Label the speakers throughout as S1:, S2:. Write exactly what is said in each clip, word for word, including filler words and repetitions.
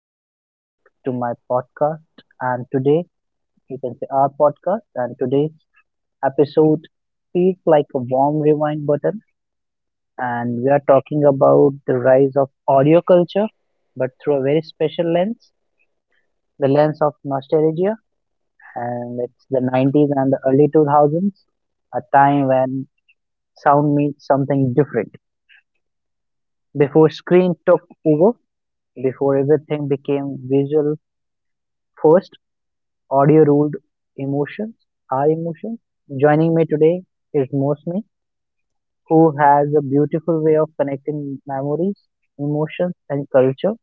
S1: welcome back to my podcast. And today, you can say our podcast, and today's episode feels like a warm rewind button. And we are talking about the rise of audio culture, but through a very special lens, the lens of nostalgia. And it's the nineties and the early two thousands, a time when sound means something different. Before screen took over, before everything became visual first audio ruled emotions, our emotions. Joining me today is Mosmi, who has a beautiful way of connecting memories, emotions, and culture.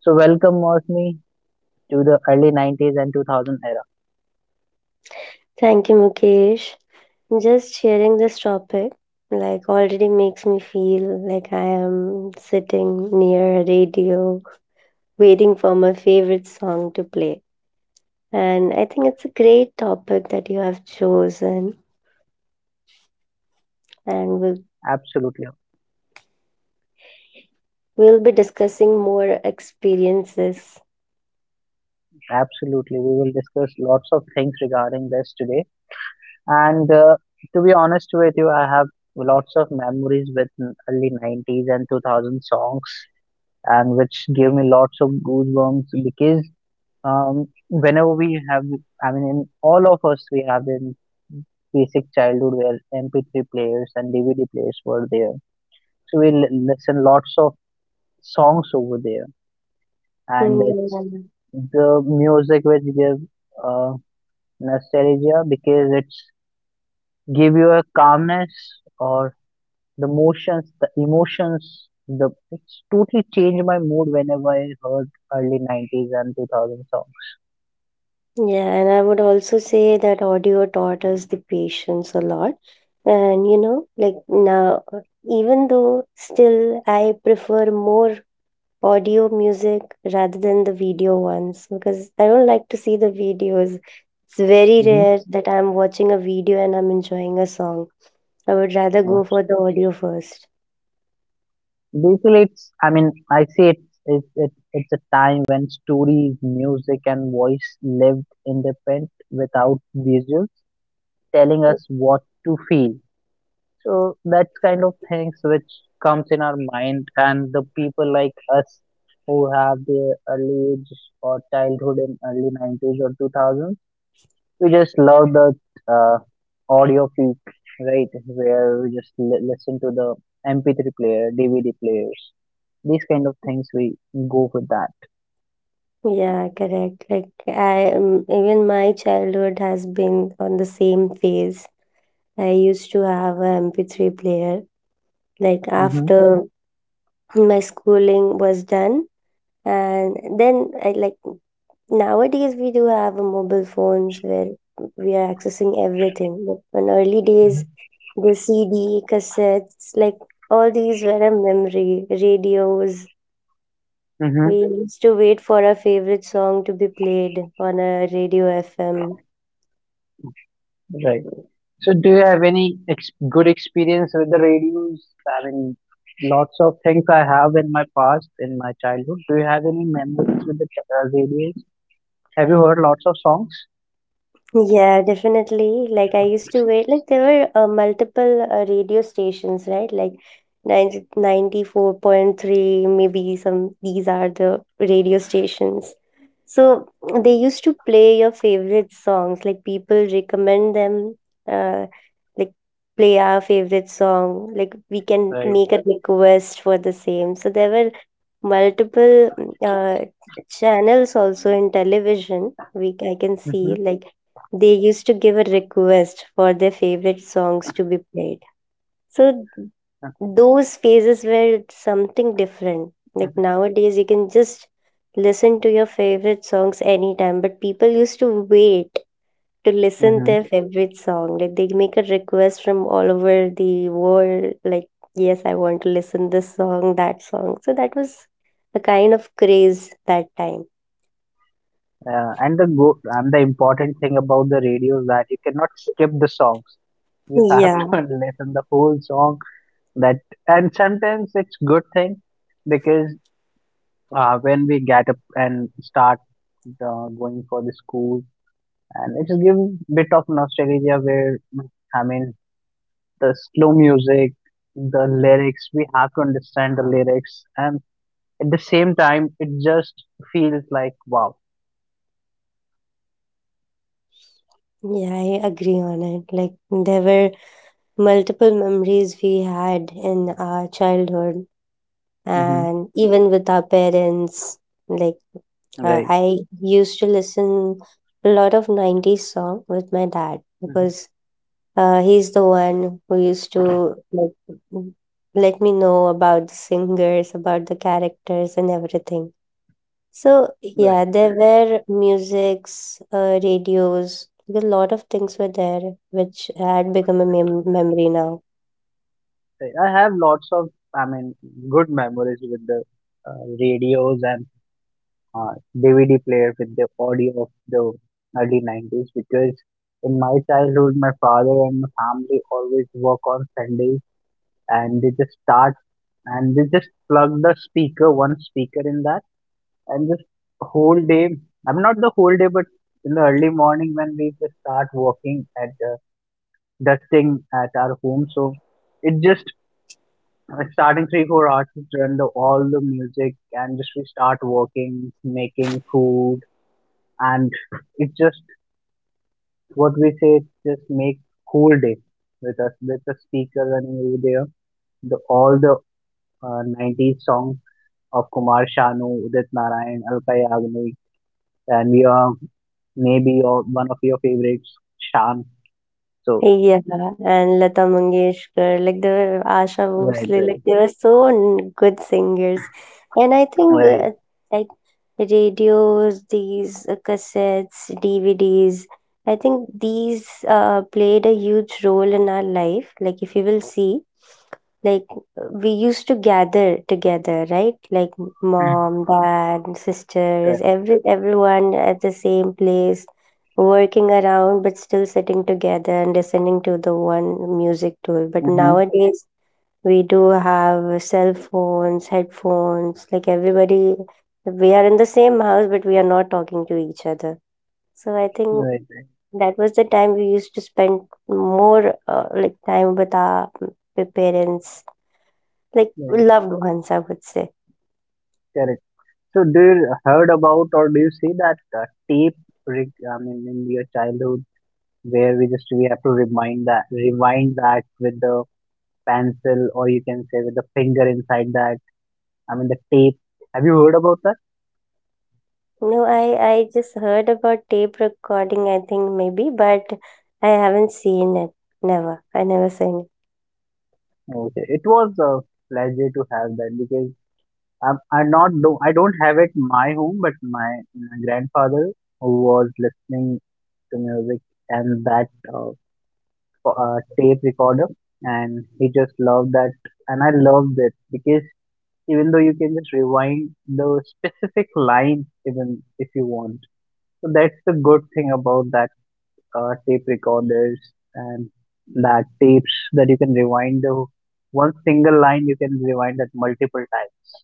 S1: So, welcome, Mosmi, to the early nineties and two thousand era.
S2: Thank you, Mukesh. Just sharing this topic like already makes me feel like I am sitting near a radio waiting for my favorite song to play. And I think it's a great topic that you have chosen and we'll,
S1: Absolutely,
S2: we'll be discussing more experiences.
S1: absolutely. We will discuss lots of things regarding this today. And uh, to be honest with you, I have lots of memories with n- early nineties and two thousand songs, and which give me lots of goosebumps, because um, whenever we have, I mean, in all of us, we have in basic childhood where M P three players and D V D players were there. So we l- listen lots of songs over there, and
S2: Mm,
S1: it's
S2: yeah.
S1: the music which gives uh, nostalgia, because it's give you a calmness or the motions, the emotions. The it's totally changed my mood whenever I heard early nineties and two thousand
S2: Yeah, and I would also say that audio taught us the patience a lot. And you know, like now, even though still I prefer more audio music rather than the video ones because I don't like to see the videos. It's very
S1: songs.
S2: rare that I'm watching a video and I'm enjoying a song. I would rather go
S1: hmm
S2: for the audio first.
S1: Basically, it's. I mean, I see it. It's it's it's a time when stories, music, and voice lived in the pen without visuals telling us what to feel. So that's kind of things which comes in our mind, and the people like us who have their early age or childhood in early nineties or two thousands, we just love the uh, audio peak, right? Where we just li- listen to the M P three player, D V D players, these kind of things we go with that.
S2: Yeah, correct. Like I um, even my childhood has been on the same phase. I used to have a M P three player. Like
S1: Hmm,
S2: after my schooling was done, and then I like nowadays we do have a mobile phones where we are accessing everything. But in early days, the C D, cassettes, like all these were a memory. Radios. We
S1: hmm.
S2: used to wait for our favorite song to be played on a radio F M.
S1: Right. So, do you have any ex- good experience with the radios? I mean, lots of things I have in my past, in my childhood. Do you have any memories with the ch- uh, radios? Have you heard lots of songs?
S2: Yeah, definitely. Like I used to wait, like there were uh, multiple uh, radio stations, right? Like ninety ninety four point three, maybe some, these are the radio stations. So they used to play your favorite songs, like people recommend them, uh, like play our favorite song, like we can
S1: Right.
S2: make a request for the same. So there were multiple uh, channels also in television we I can see
S1: Hmm,
S2: like they used to give a request for their favorite songs to be played, so those phases were something different like nowadays you can just listen to your favorite songs anytime but people used to wait to listen
S1: hmm.
S2: their favorite song. Like they make a request from all over the world. Like yes, I want to listen this song, that song. So that was a kind of craze that time.
S1: Uh, and the go and the important thing about the radio is that you cannot skip the songs. You have to
S2: Yeah,
S1: listen the whole song. That And sometimes it's good thing, because uh, when we get up and start uh, going for the school, and it gives bit of nostalgia where I mean the slow music, the lyrics, we have to understand the lyrics, and at the same time it just feels like wow.
S2: yeah, I agree on it. Like there were multiple memories we had in our childhood,
S1: Hmm.
S2: and even with our parents. Like uh,
S1: Right.
S2: I used to listen a lot of nineties song with my dad because
S1: Hmm.
S2: uh, he's the one who used to like m- let me know about the singers, about the characters, and everything. So
S1: Right,
S2: yeah, there were musics, uh, radios, like a lot of things were there, which had become a mem memory now.
S1: right. I have lots of, I mean, good memories with the uh, radios, and uh, D V D player with the audio of the early nineties, because in my childhood, my father and my family always work on Sundays, and they just start, and they just plug the speaker, one speaker in that, and just whole day. I'm not the whole day, but in the early morning when we just start working at uh, dusting at our home, so it just uh, starting three four hours to turn the all the music, and just we start working, making food, and it's just what we say it's just make whole day with us, with the speaker running over there the all the uh, nineties songs of Kumar Sanu, Udit Narayan, Alka Yagnik, and we are, maybe your one of your favorites, Shan, so
S2: Yeah, and Lata Mangeshkar, like they were Asha
S1: right,
S2: Bhosle,
S1: right,
S2: like they were so n- good singers. And I think
S1: right.
S2: uh, like radios, these uh, cassettes, D V Ds, I think these uh, played a huge role in our life. Like if you will see, like we used to gather together, right? Like
S1: Mm.
S2: mom, dad, sisters,
S1: Correct.
S2: every everyone at the same place working around but still sitting together and listening to the one music tool. But
S1: Mm-hmm.
S2: nowadays we do have cell phones, headphones, like everybody we are in the same house but we are not talking to each other. So I think
S1: Right, right.
S2: that was the time we used to spend more uh, like time with our p- parents, like
S1: Right, right.
S2: loved ones, I would say.
S1: Correct. So do you heard about or do you see that uh, tape rec- I mean in your childhood where we just we have to remind that rewind that with the pencil, or you can say with the finger inside that, I mean the tape, have you heard about that?
S2: No, I, I just heard about tape recording, I think maybe, but I haven't seen it. Never. I never seen it.
S1: No, okay, it was a pleasure to have that, because I'm, I'm not do I don't have it in my home, but my, my grandfather, who was listening to music, and that uh, f- uh, tape recorder, and he just loved that, and I loved it, because even though you can just rewind the specific line even if you want. So that's the good thing about that uh, tape recorders, and that tapes, that you can rewind the one single line, you can rewind that multiple times.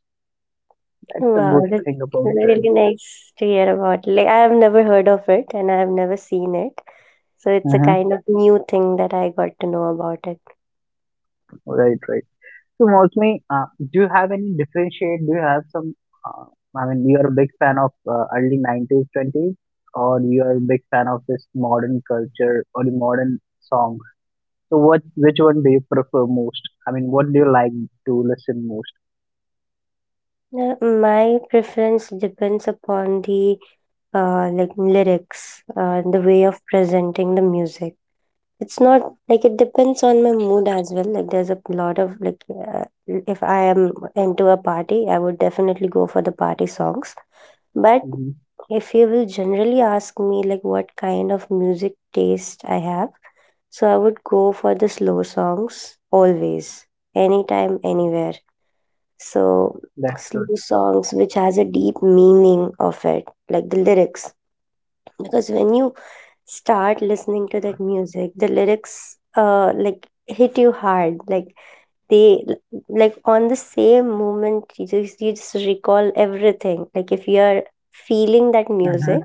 S1: That's the
S2: Wow,
S1: good
S2: that's
S1: thing about that.
S2: really nice to hear about. Like, I have never heard of it and I have never seen it. So it's a
S1: Hmm.
S2: kind of new thing that I got to know about it.
S1: Right, right. So mostly, uh, do you have any differentiate? Do you have some? Uh, I mean, you are a big fan of uh, early nineties, twenties, or you are a big fan of this modern culture or the modern songs. So what, which one do you prefer most? I mean, what do you like to listen
S2: Now, my preference depends upon the uh, like lyrics, uh, the way of presenting the music. It's not like it depends on my mood as well. Like there's a lot of like uh, if I am into a party, I would definitely go for the party songs. But
S1: most?
S2: if you will generally ask me like what kind of music taste I have, so I would go for the slow songs always, anytime, anywhere. So
S1: That's good.
S2: slow songs which has a deep meaning of it, like the lyrics. Because when you start listening to that music, the lyrics uh like hit you hard. Like they like on the same moment you just you just recall everything. Like if you are feeling that
S1: Uh huh.
S2: music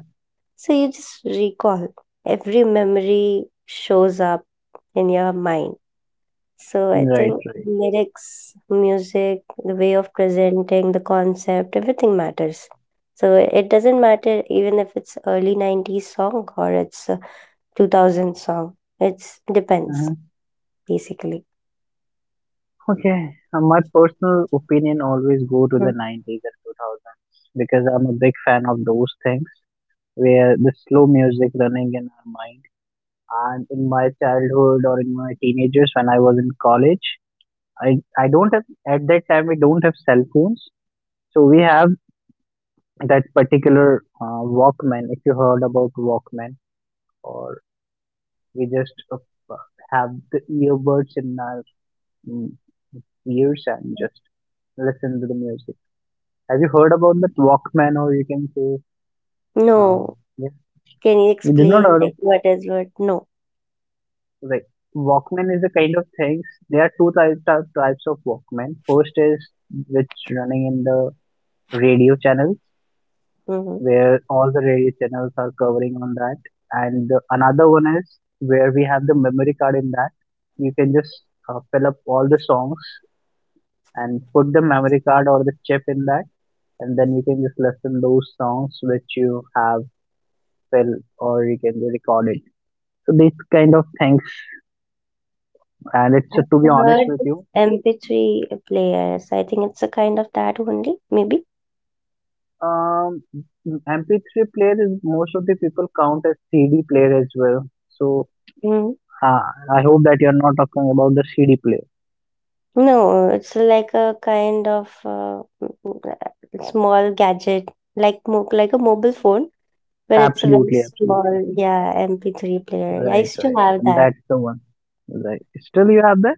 S2: so you just recall. Every memory shows up in your mind. So I
S1: Right,
S2: think
S1: right.
S2: lyrics, music, the way of presenting the concept, everything matters. So it doesn't matter even if it's early nineties song or it's a two thousand song. It's
S1: Uh
S2: depends
S1: huh.
S2: basically.
S1: Okay, uh, my personal opinion always go to the
S2: Mm.
S1: nineties and two thousands, because I'm a big fan of those things where the slow music running in our mind. And in my childhood, or in my teenagers when I was in college, I I don't have, at that time we don't have cell phones, so we have that particular uh, Walkman. If you heard about Walkman, or we just uh, have the earbuds in our mm, ears and just listen to the music. Have you heard about that Walkman, or you can say, uh,
S2: No.
S1: yeah,
S2: Can you
S1: you did not
S2: explain
S1: heard of,
S2: like what is what? No.
S1: like Walkman is a kind of things. There are two types of types of Walkman. First is which running in the radio channels,
S2: Hmm,
S1: where all the radio channels are covering on that, and the, another one is where we have the memory card in that. You can just uh, fill up all the songs and put the memory card or the chip in that, and then you can just listen those songs which you have fill, or you can record it, so these kind of things, and it's, to be
S2: I've heard
S1: honest with you,
S2: M P three players. I think it's a kind of that only, maybe.
S1: um m p three player is, most of the people count as c d player as well, so uh, I hope that you're not talking about the c d player.
S2: No, it's like a kind of uh, mm, small gadget, like mo like a mobile phone, but it's a very
S1: Absolutely, absolutely.
S2: small, yeah, M P three player. Yeah, I
S1: Right,
S2: used to
S1: right,
S2: have
S1: right,
S2: that.
S1: that's the one. Right. Still you have that?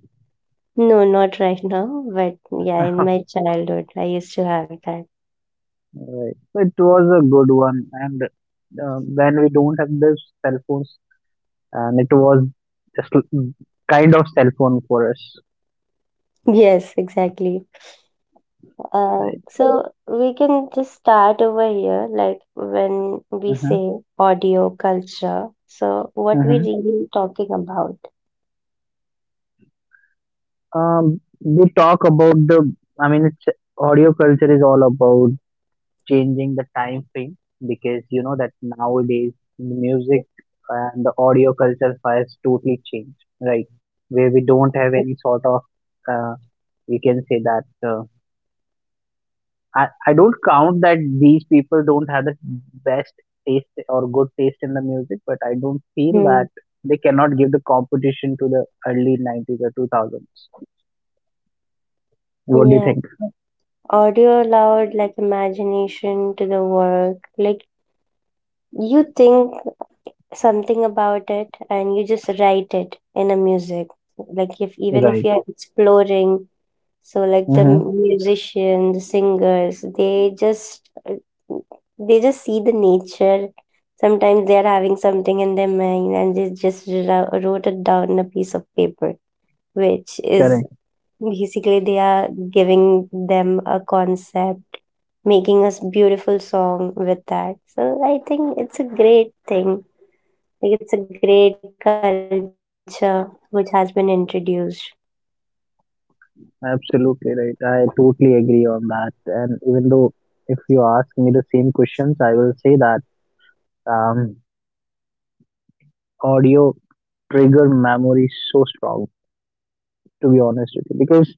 S2: No, not right now, but yeah, in my childhood, I used to have that.
S1: Right, so it was a good one, and uh, when we don't have this cell phones, and it was just l- kind of cell phone for us,
S2: Yes, exactly. Uh,
S1: right?
S2: so we can just start over here, like when we
S1: Mm-hmm.
S2: say audio culture. So what we
S1: Mm-hmm.
S2: really talking about?
S1: Um, we talk about the. I mean, it's audio culture is all about changing the time frame, because you know that nowadays the music and the audio culture has totally changed, right? Where we don't have any sort of, uh, we can say that. Uh, I, I don't count that these people don't have the best taste or good taste in the music, but I don't feel
S2: Hmm.
S1: that they cannot give the competition to the early nineties or two thousands. What do you
S2: Yeah.
S1: think?
S2: Audio allowed like imagination to the work. Like you think something about it and you just write it in a music. Like if even if
S1: Right.
S2: you're exploring, so like the
S1: Mm-hmm.
S2: musician, the singers, they just they just see the nature. Sometimes they are having something in their mind and they just wro- wrote it down on a piece of paper, which is
S1: Correct.
S2: basically, they are giving them a concept, making us beautiful song with that. So I think it's a great thing. Like it's a great culture which has been introduced.
S1: Absolutely right. I totally agree on that. And even though if you ask me the same questions, I will say that um, audio trigger memory so strong. To be honest with you, because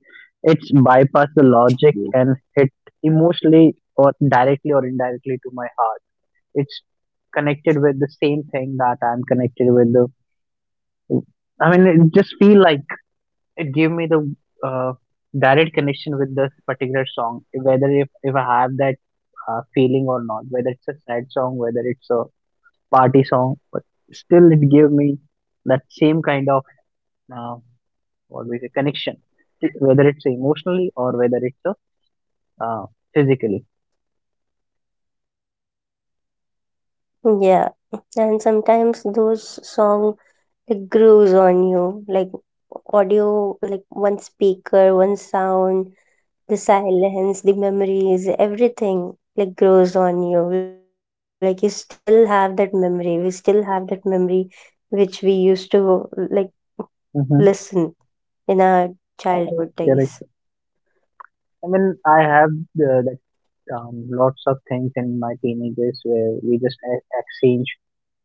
S1: it's bypassed the logic and hit emotionally or directly or indirectly to my heart. It's connected with the same thing that I'm connected with. The, I mean, it just feel like it gave me the uh, direct connection with this particular song, whether if, if I have that uh, feeling or not, whether it's a sad song, whether it's a party song, but still it gave me that same kind of uh, always a connection, e- whether it's emotionally or whether it's uh, uh, physically.
S2: Yeah. And sometimes those song like grows on you. Like audio like one speaker, one sound the silence, the memories, everything like grows on you. Like you still have that memory. We still have that memory which we used to like listen
S1: Mm-hmm.
S2: in our childhood days.
S1: Correct. I mean, I have uh, that um, lots of things in my teenagers where we just e- exchange.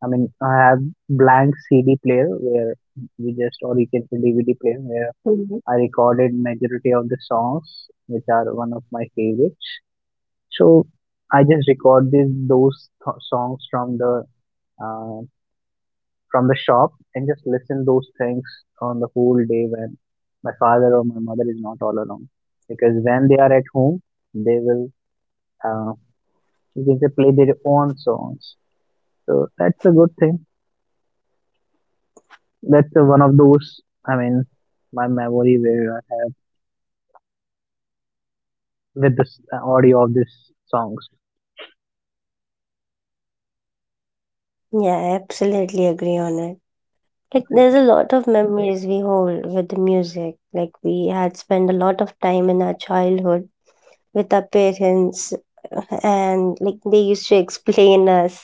S1: I mean, I have blank C D player where we just, or you can say D V D player where
S2: Mhm.
S1: I recorded majority of the songs, which are one of my favorites. So I just record these those th- songs from the uh, from the shop, and just listen those things on the whole day when my father or my mother is not all alone. Because when they are at home, they will, uh, because they play their own songs. So that's a good thing. That's uh, one of those. I mean, my memory where uh, with this uh, audio of these songs.
S2: Yeah, I absolutely agree on it. Like there's a lot of memories we hold with the music. Like we had spent a lot of time in our childhood with our parents and like they used to explain us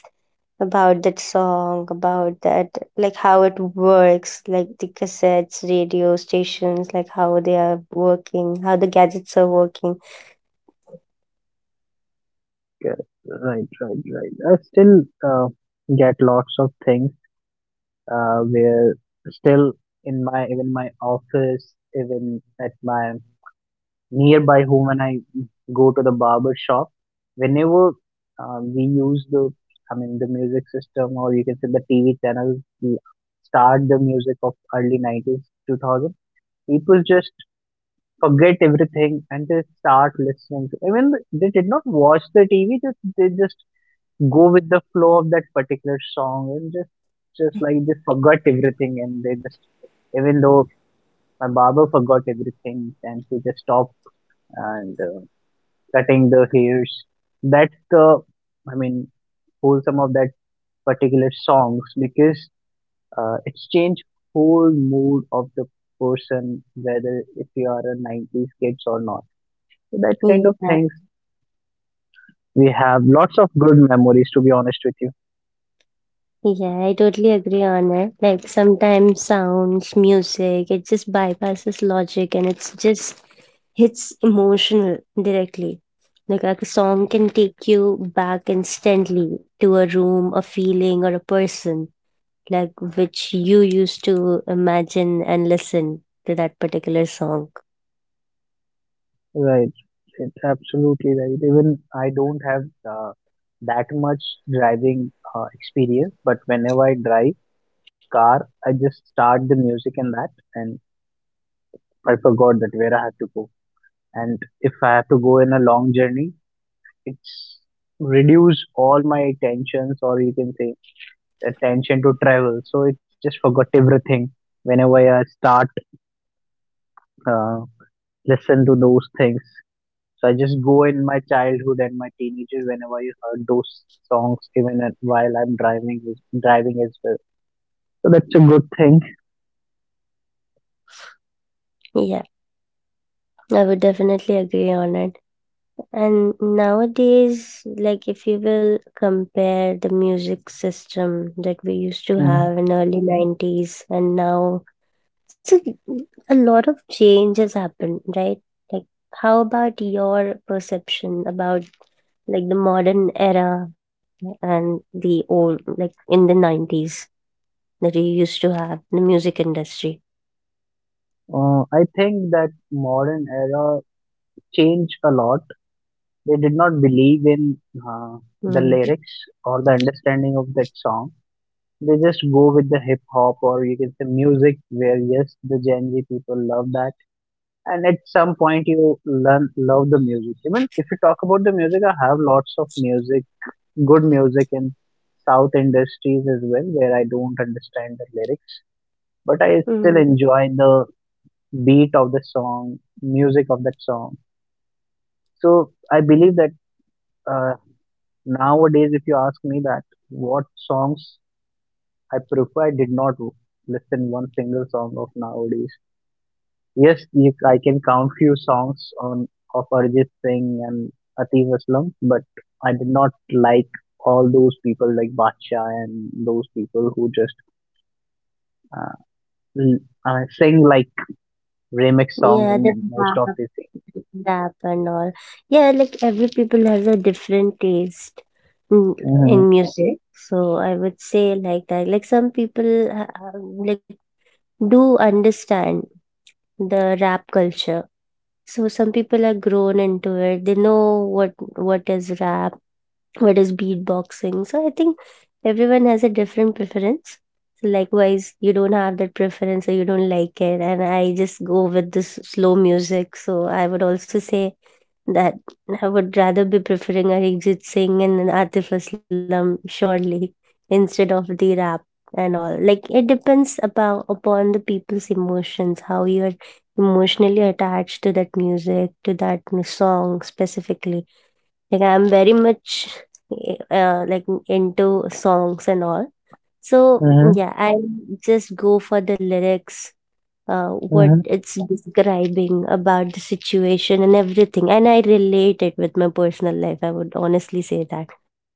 S2: about that song, about that, like how it works, like the cassettes, radio stations, like how they are working, how the gadgets are working.
S1: Like, uh, right, right, right. I still uh, get lots of things uh, where still in my, even my office, even at my nearby home, when I go to the barber shop, whenever uh, we use the, I mean, the music system, or you can say the T V channel, we start the music of early nineties, two thousand, people just forget
S2: Mhm.
S1: everything and they start listening. To, even they did not watch the T V, just, they just go with the flow of that particular song and just, just like they forgot everything and they just, even though my barber forgot everything and she just stopped and uh, cutting the hairs, that's the, i mean, wholesome of that particular songs. Because uh, it's changed whole mood of the person, whether if you are a nineties kids or not. So that kind of
S2: Yeah,
S1: things, we have lots of good memories, to be honest with you.
S2: yeah, I totally agree on it. Like sometimes sounds, music, it just bypasses logic and it's just hits emotional directly. Like, like a song can take you back instantly to a room, a feeling, or a person like which you used to imagine and listen to that particular song.
S1: Right, it's absolutely right. Even I don't have uh, that much driving uh, experience, but whenever I drive car, I just start the music and that and I forgot that where I had to go. And if I have to go in a long journey, it's reduce all my tensions, or you can say attention to travel. So it just forgot everything whenever I start uh, listen to those things. So I just go in my childhood and my teenager whenever you heard those songs, even at- while I'm driving driving as well. So that's a good thing.
S2: Yeah, I would definitely agree on it. And nowadays, like if you will compare the music system that we used to
S1: Mhm.
S2: have in early nineties and now, so a lot of change has happened, right? Like how about your perception about like the modern era and the old like in the nineties? That we used to have in the music industry.
S1: Uh, I think that modern era changed a lot. They did not believe in uh, the
S2: Mm.
S1: lyrics or the understanding of that song. They just go with the hip hop, or you can say music, where yes, the Gen Z people love that. And at some point, you learn love the music. Even if you talk about the music, I have lots of music, good music in South industries as well, where I don't understand the lyrics, but I still
S2: Mm.
S1: enjoy the beat of the song, music of that song. So I believe that. Uh, Nowadays, if you ask me that what songs I prefer, I did not listen one single song of nowadays. Yes, you, I can count few songs on of Arjit Singh and Atif Aslam, but I did not like all those people like Bacha and those people who just uh, l- uh, sing like remix
S2: Yeah, the
S1: songs.
S2: rap,
S1: Most of they sing.
S2: rap and all. Yeah, like every people has a different taste in,
S1: Mm-hmm.
S2: in music. So I would say like that. Like some people ha- ha- like do understand the rap culture. So some people are grown into it. They know what what is rap, what is beatboxing. So I think everyone has a different preference. So likewise, you don't have that preference or you don't like it, and I just go with this slow music. So I would also say that I would rather be preferring Arijit Singh and an Atif Aslam surely instead of the rap and all. Like it depends about upon the people's emotions, how you're emotionally attached to that music, to that song specifically like I'm very much uh, like into songs and all so
S1: Mm-hmm.
S2: yeah I just go for the lyrics, uh, what it's describing about the situation and everything and I relate it with my personal life, I would honestly say that.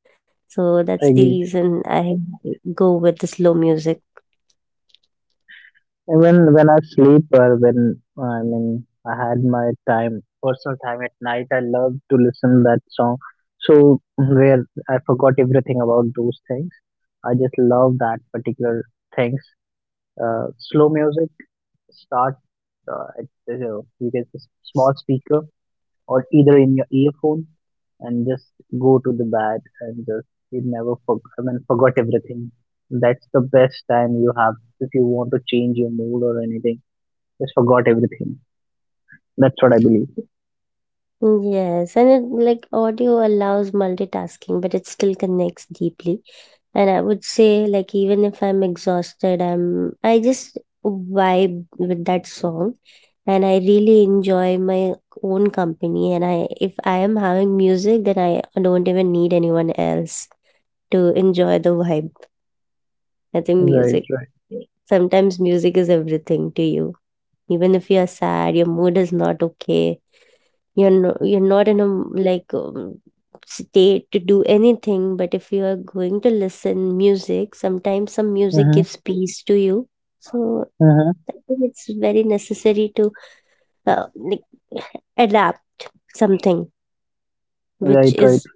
S2: So that's the reason
S1: Mm-hmm.
S2: I go with the slow music.
S1: Even when I sleep, or when I mean I had my time, personal time at night, I love to listen that song. So where I forgot everything about those things, I just love that particular things. Uh, slow music start uh, at uh, you get a small speaker or either in your earphone, and just go to the bed, and just you never forget, I mean, forgot everything. That's the best time you have. If you want to change your mood or anything, just forgot everything. That's what I believe.
S2: Yes, and it, like audio allows multitasking but it still connects deeply. And I would say, like, even if I'm exhausted, I'm I just vibe with that song, and I really enjoy my own company. And I, if I am having music, then I don't even need anyone else to enjoy the vibe. I think
S1: Right,
S2: music.
S1: right.
S2: Sometimes music is everything to you. Even if you're sad, your mood is not okay, you're no, you're not in a m- like um, state to do anything, but if you are going to listen music, sometimes some music
S1: Mm-hmm.
S2: gives peace to you. So
S1: Mm-hmm.
S2: I think it's very necessary to uh, like adapt something which
S1: Right, right.
S2: is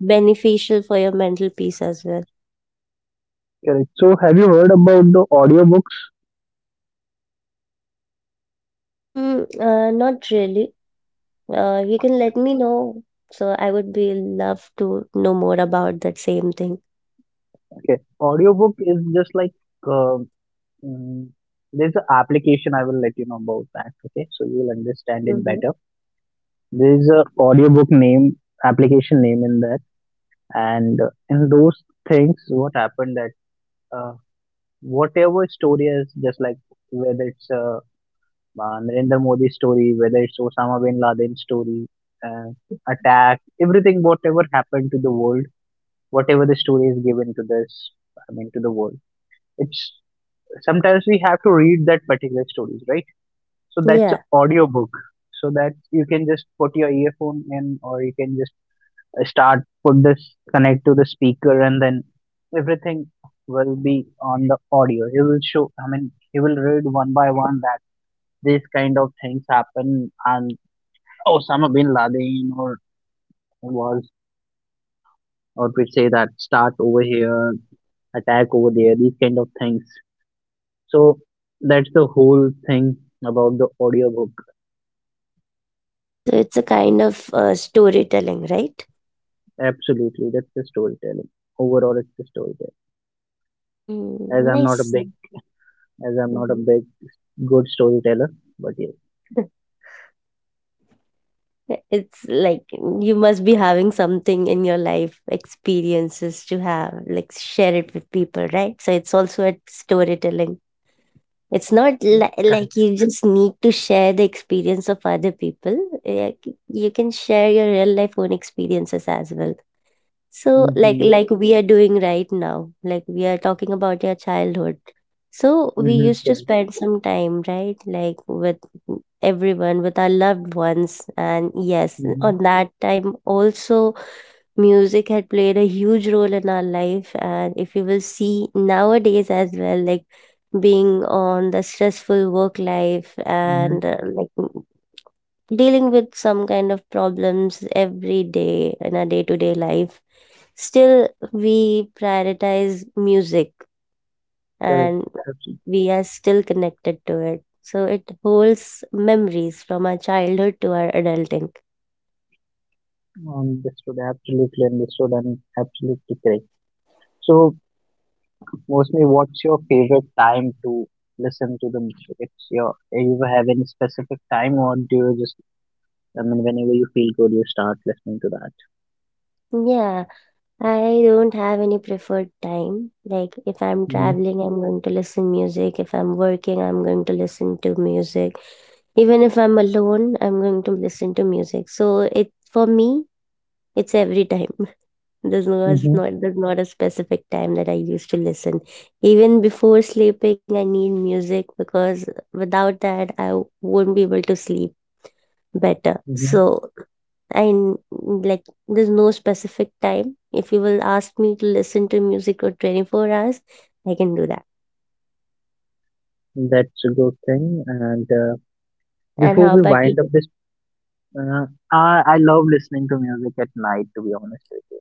S2: beneficial for your mental peace as well.
S1: Correct. So, have you heard about the audiobooks?
S2: Mm, uh, not really. Uh, you can let me know. So I would be love to know more about that same thing.
S1: Okay, audiobook is just like, uh, mm, there's an application. I will let you know about that. Okay, so you will understand it
S2: Mhm.
S1: better. There's a audiobook name application name in that, and uh, in those things, what happened that uh, whatever story is just like, whether it's a uh, Narendra Modi story, whether it's Osama bin Laden story, uh, attack, everything, whatever happened to the world, whatever the story is given to this, I mean, to the world. It's sometimes we have to read that particular stories, right? So that's an
S2: Yeah.
S1: audio book, so that you can just put your earphone in, or you can just uh, start put this connect to the speaker, and then everything will be on the audio. He will show. I mean, he will read one by one that these kind of things happen, and Osama bin Laden or was, or we say that start over here, attack over there, these kind of things. So that's the whole thing about the audiobook.
S2: So it's a kind of uh, storytelling, right?
S1: Absolutely, that's the storytelling. Overall, it's the storytelling.
S2: Mm,
S1: As I'm not a
S2: nice.
S1: big, as I'm not a
S2: Mhm.
S1: big good storyteller, but yes.
S2: It's like you must be having something in your life experiences to have, like share it with people, right? So it's also a storytelling. It's not
S1: Yeah.
S2: li-
S1: Correct.
S2: like you just need to share the experience of other people. Like, you can share your real life own experiences as well. So, like
S1: Mm-hmm.
S2: like we are doing right now, like we are talking about your childhood. So we
S1: Mm-hmm.
S2: used to
S1: Correct.
S2: spend some time, right? Like with everyone, with our loved ones. And yes,
S1: Mm-hmm.
S2: on that time also music had played a huge role in our life. And if you will see nowadays as well, like being on the stressful work life
S1: Mm-hmm.
S2: and uh, like dealing with some kind of problems every day in our day to day life, still we prioritize music,
S1: Correct.
S2: and
S1: Absolutely
S2: we are still connected to it. So it holds memories from our childhood to our adulting.
S1: understood. Absolutely understood and absolutely correct. So mostly, what's your favorite time to listen to the music? It's your, do you have any specific time, or do you just, I mean, whenever you feel good, you start listening to that?
S2: Yeah, I don't have any preferred time. Like if I'm
S1: Mm-hmm.
S2: traveling, I'm going to listen music. If I'm working, I'm going to listen to music. Even if I'm alone, I'm going to listen to music. So it for me, it's every time. There's no as
S1: Mm-hmm.
S2: not there's not a specific time that I used to listen. Even before sleeping, I need music because without that, I w- won't be able to sleep better.
S1: Mm-hmm.
S2: So I n- like there's no specific time. If you will ask me to listen to music for twenty-four hours, I can do that.
S1: That's a good thing. And uh,
S2: And
S1: before
S2: how
S1: we
S2: about
S1: wind up
S2: you?
S1: this, uh, I, I love listening to music at night, to be honest with you,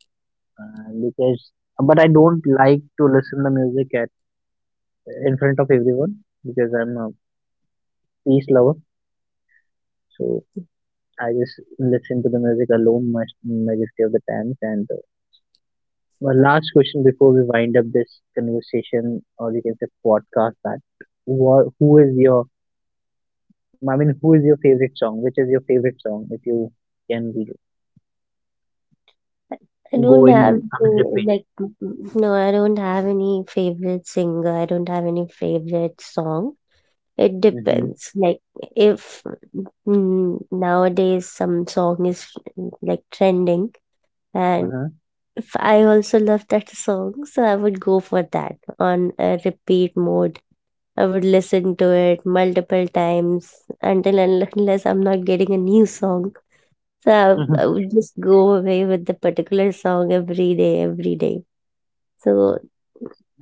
S1: uh, because, but I don't like to listen to music at in front of everyone, because I'm a peace lover. So I just listen to the music alone much majority of the times. And uh, my last question before we wind up this conversation, or you can say podcast, that what who is your, I mean who is your favorite song? Which is your favorite song? If you can re-
S2: I
S1: go
S2: don't have
S1: in, I mean
S2: to,
S1: repeat.
S2: like mm, mm, no, I don't have any favorite singer. I don't have any favorite song. It
S1: Mm-hmm.
S2: depends. Like if mm, nowadays some song is like trending, and
S1: Uh-huh.
S2: if I also love that song, so I would go for that on a repeat mode. I would listen to it multiple times until and unless I'm not getting a new song. So
S1: Mm-hmm.
S2: I, I would just go away with the particular song every day, every day. So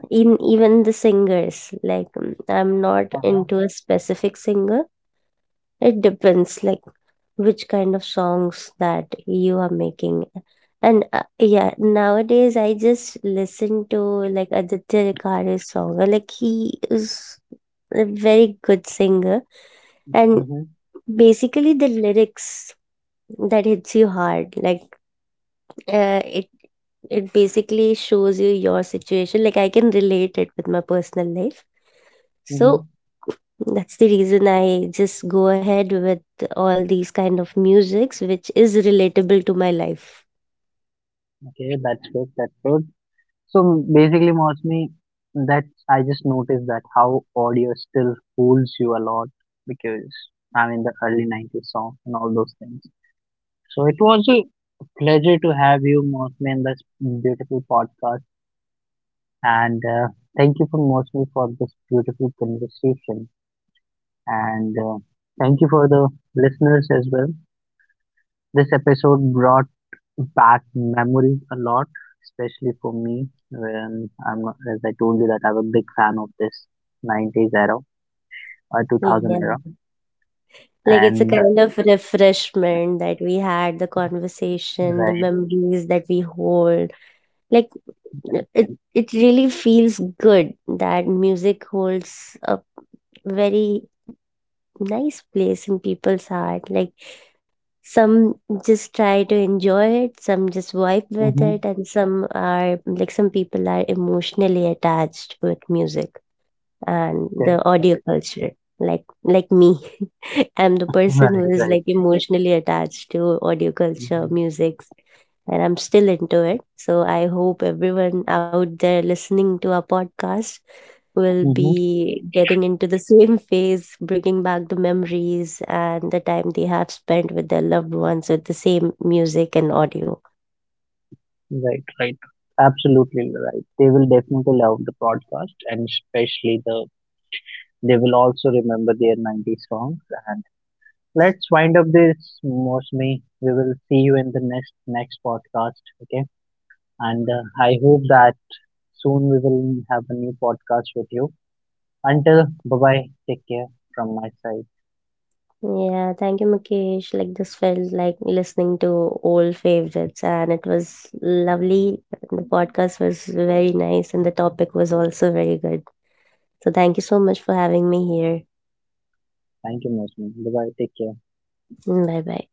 S2: in even the singers, like mm, I'm not
S1: Uh-huh.
S2: into a specific singer. It depends, like which kind of songs that you are making. And uh, yeah, nowadays I just listen to like Aditya Rikare's song. Uh, Like he is a very good singer, and
S1: Mm-hmm.
S2: basically the lyrics that hits you hard. Like uh, it it basically shows you your situation. Like I can relate it with my personal life.
S1: Mm-hmm.
S2: So that's the reason I just go ahead with all these kind of musics which is relatable to my life.
S1: Okay, that's good. That's good. So basically, Mosmi, that I just noticed that how audio still fools you a lot, because I mean the early nineties songs and all those things. So it was a pleasure to have you, Mosmi, in this beautiful podcast, and uh, thank you for Mosmi for this beautiful conversation, and uh, thank you for the listeners as well. This episode brought back memories a lot, especially for me when I'm, as I told you that I'm a big fan of this nineties era or two thousand era.
S2: Yeah, like it's a
S1: And
S2: kind of refreshment that we had the conversation, the
S1: right,
S2: memories that we hold, like
S1: right,
S2: it
S1: right.
S2: it really feels good that music holds a very nice place in people's heart. Like some just try to enjoy it, some just vibe with it,
S1: Mm-hmm.
S2: and some are like some people are emotionally attached with music and
S1: Okay.
S2: the audio culture. Like like me, I'm the person who
S1: Right,
S2: is
S1: right.
S2: like emotionally attached to audio culture,
S1: Mm-hmm.
S2: music, and I'm still into it. So I hope everyone out there listening to our podcast will
S1: Mm-hmm.
S2: be getting into the same phase, bringing back the memories and the time they have spent with their loved ones with the same music and audio.
S1: Right, right. Absolutely right. They will definitely love the podcast, and especially the, they will also remember their nineties songs. And let's wind up this, Mosmi. We will see you in the next, next podcast. Okay, and uh, I hope that soon we will have a new podcast with you. Until bye bye, take care from my side.
S2: Yeah, thank you, Mukesh. Like, this felt like listening to old favorites, and it was lovely. The podcast was very nice, and the topic was also very good. So, thank you so much for having me here.
S1: Thank you, Mosman. Bye bye, take care.
S2: Bye bye.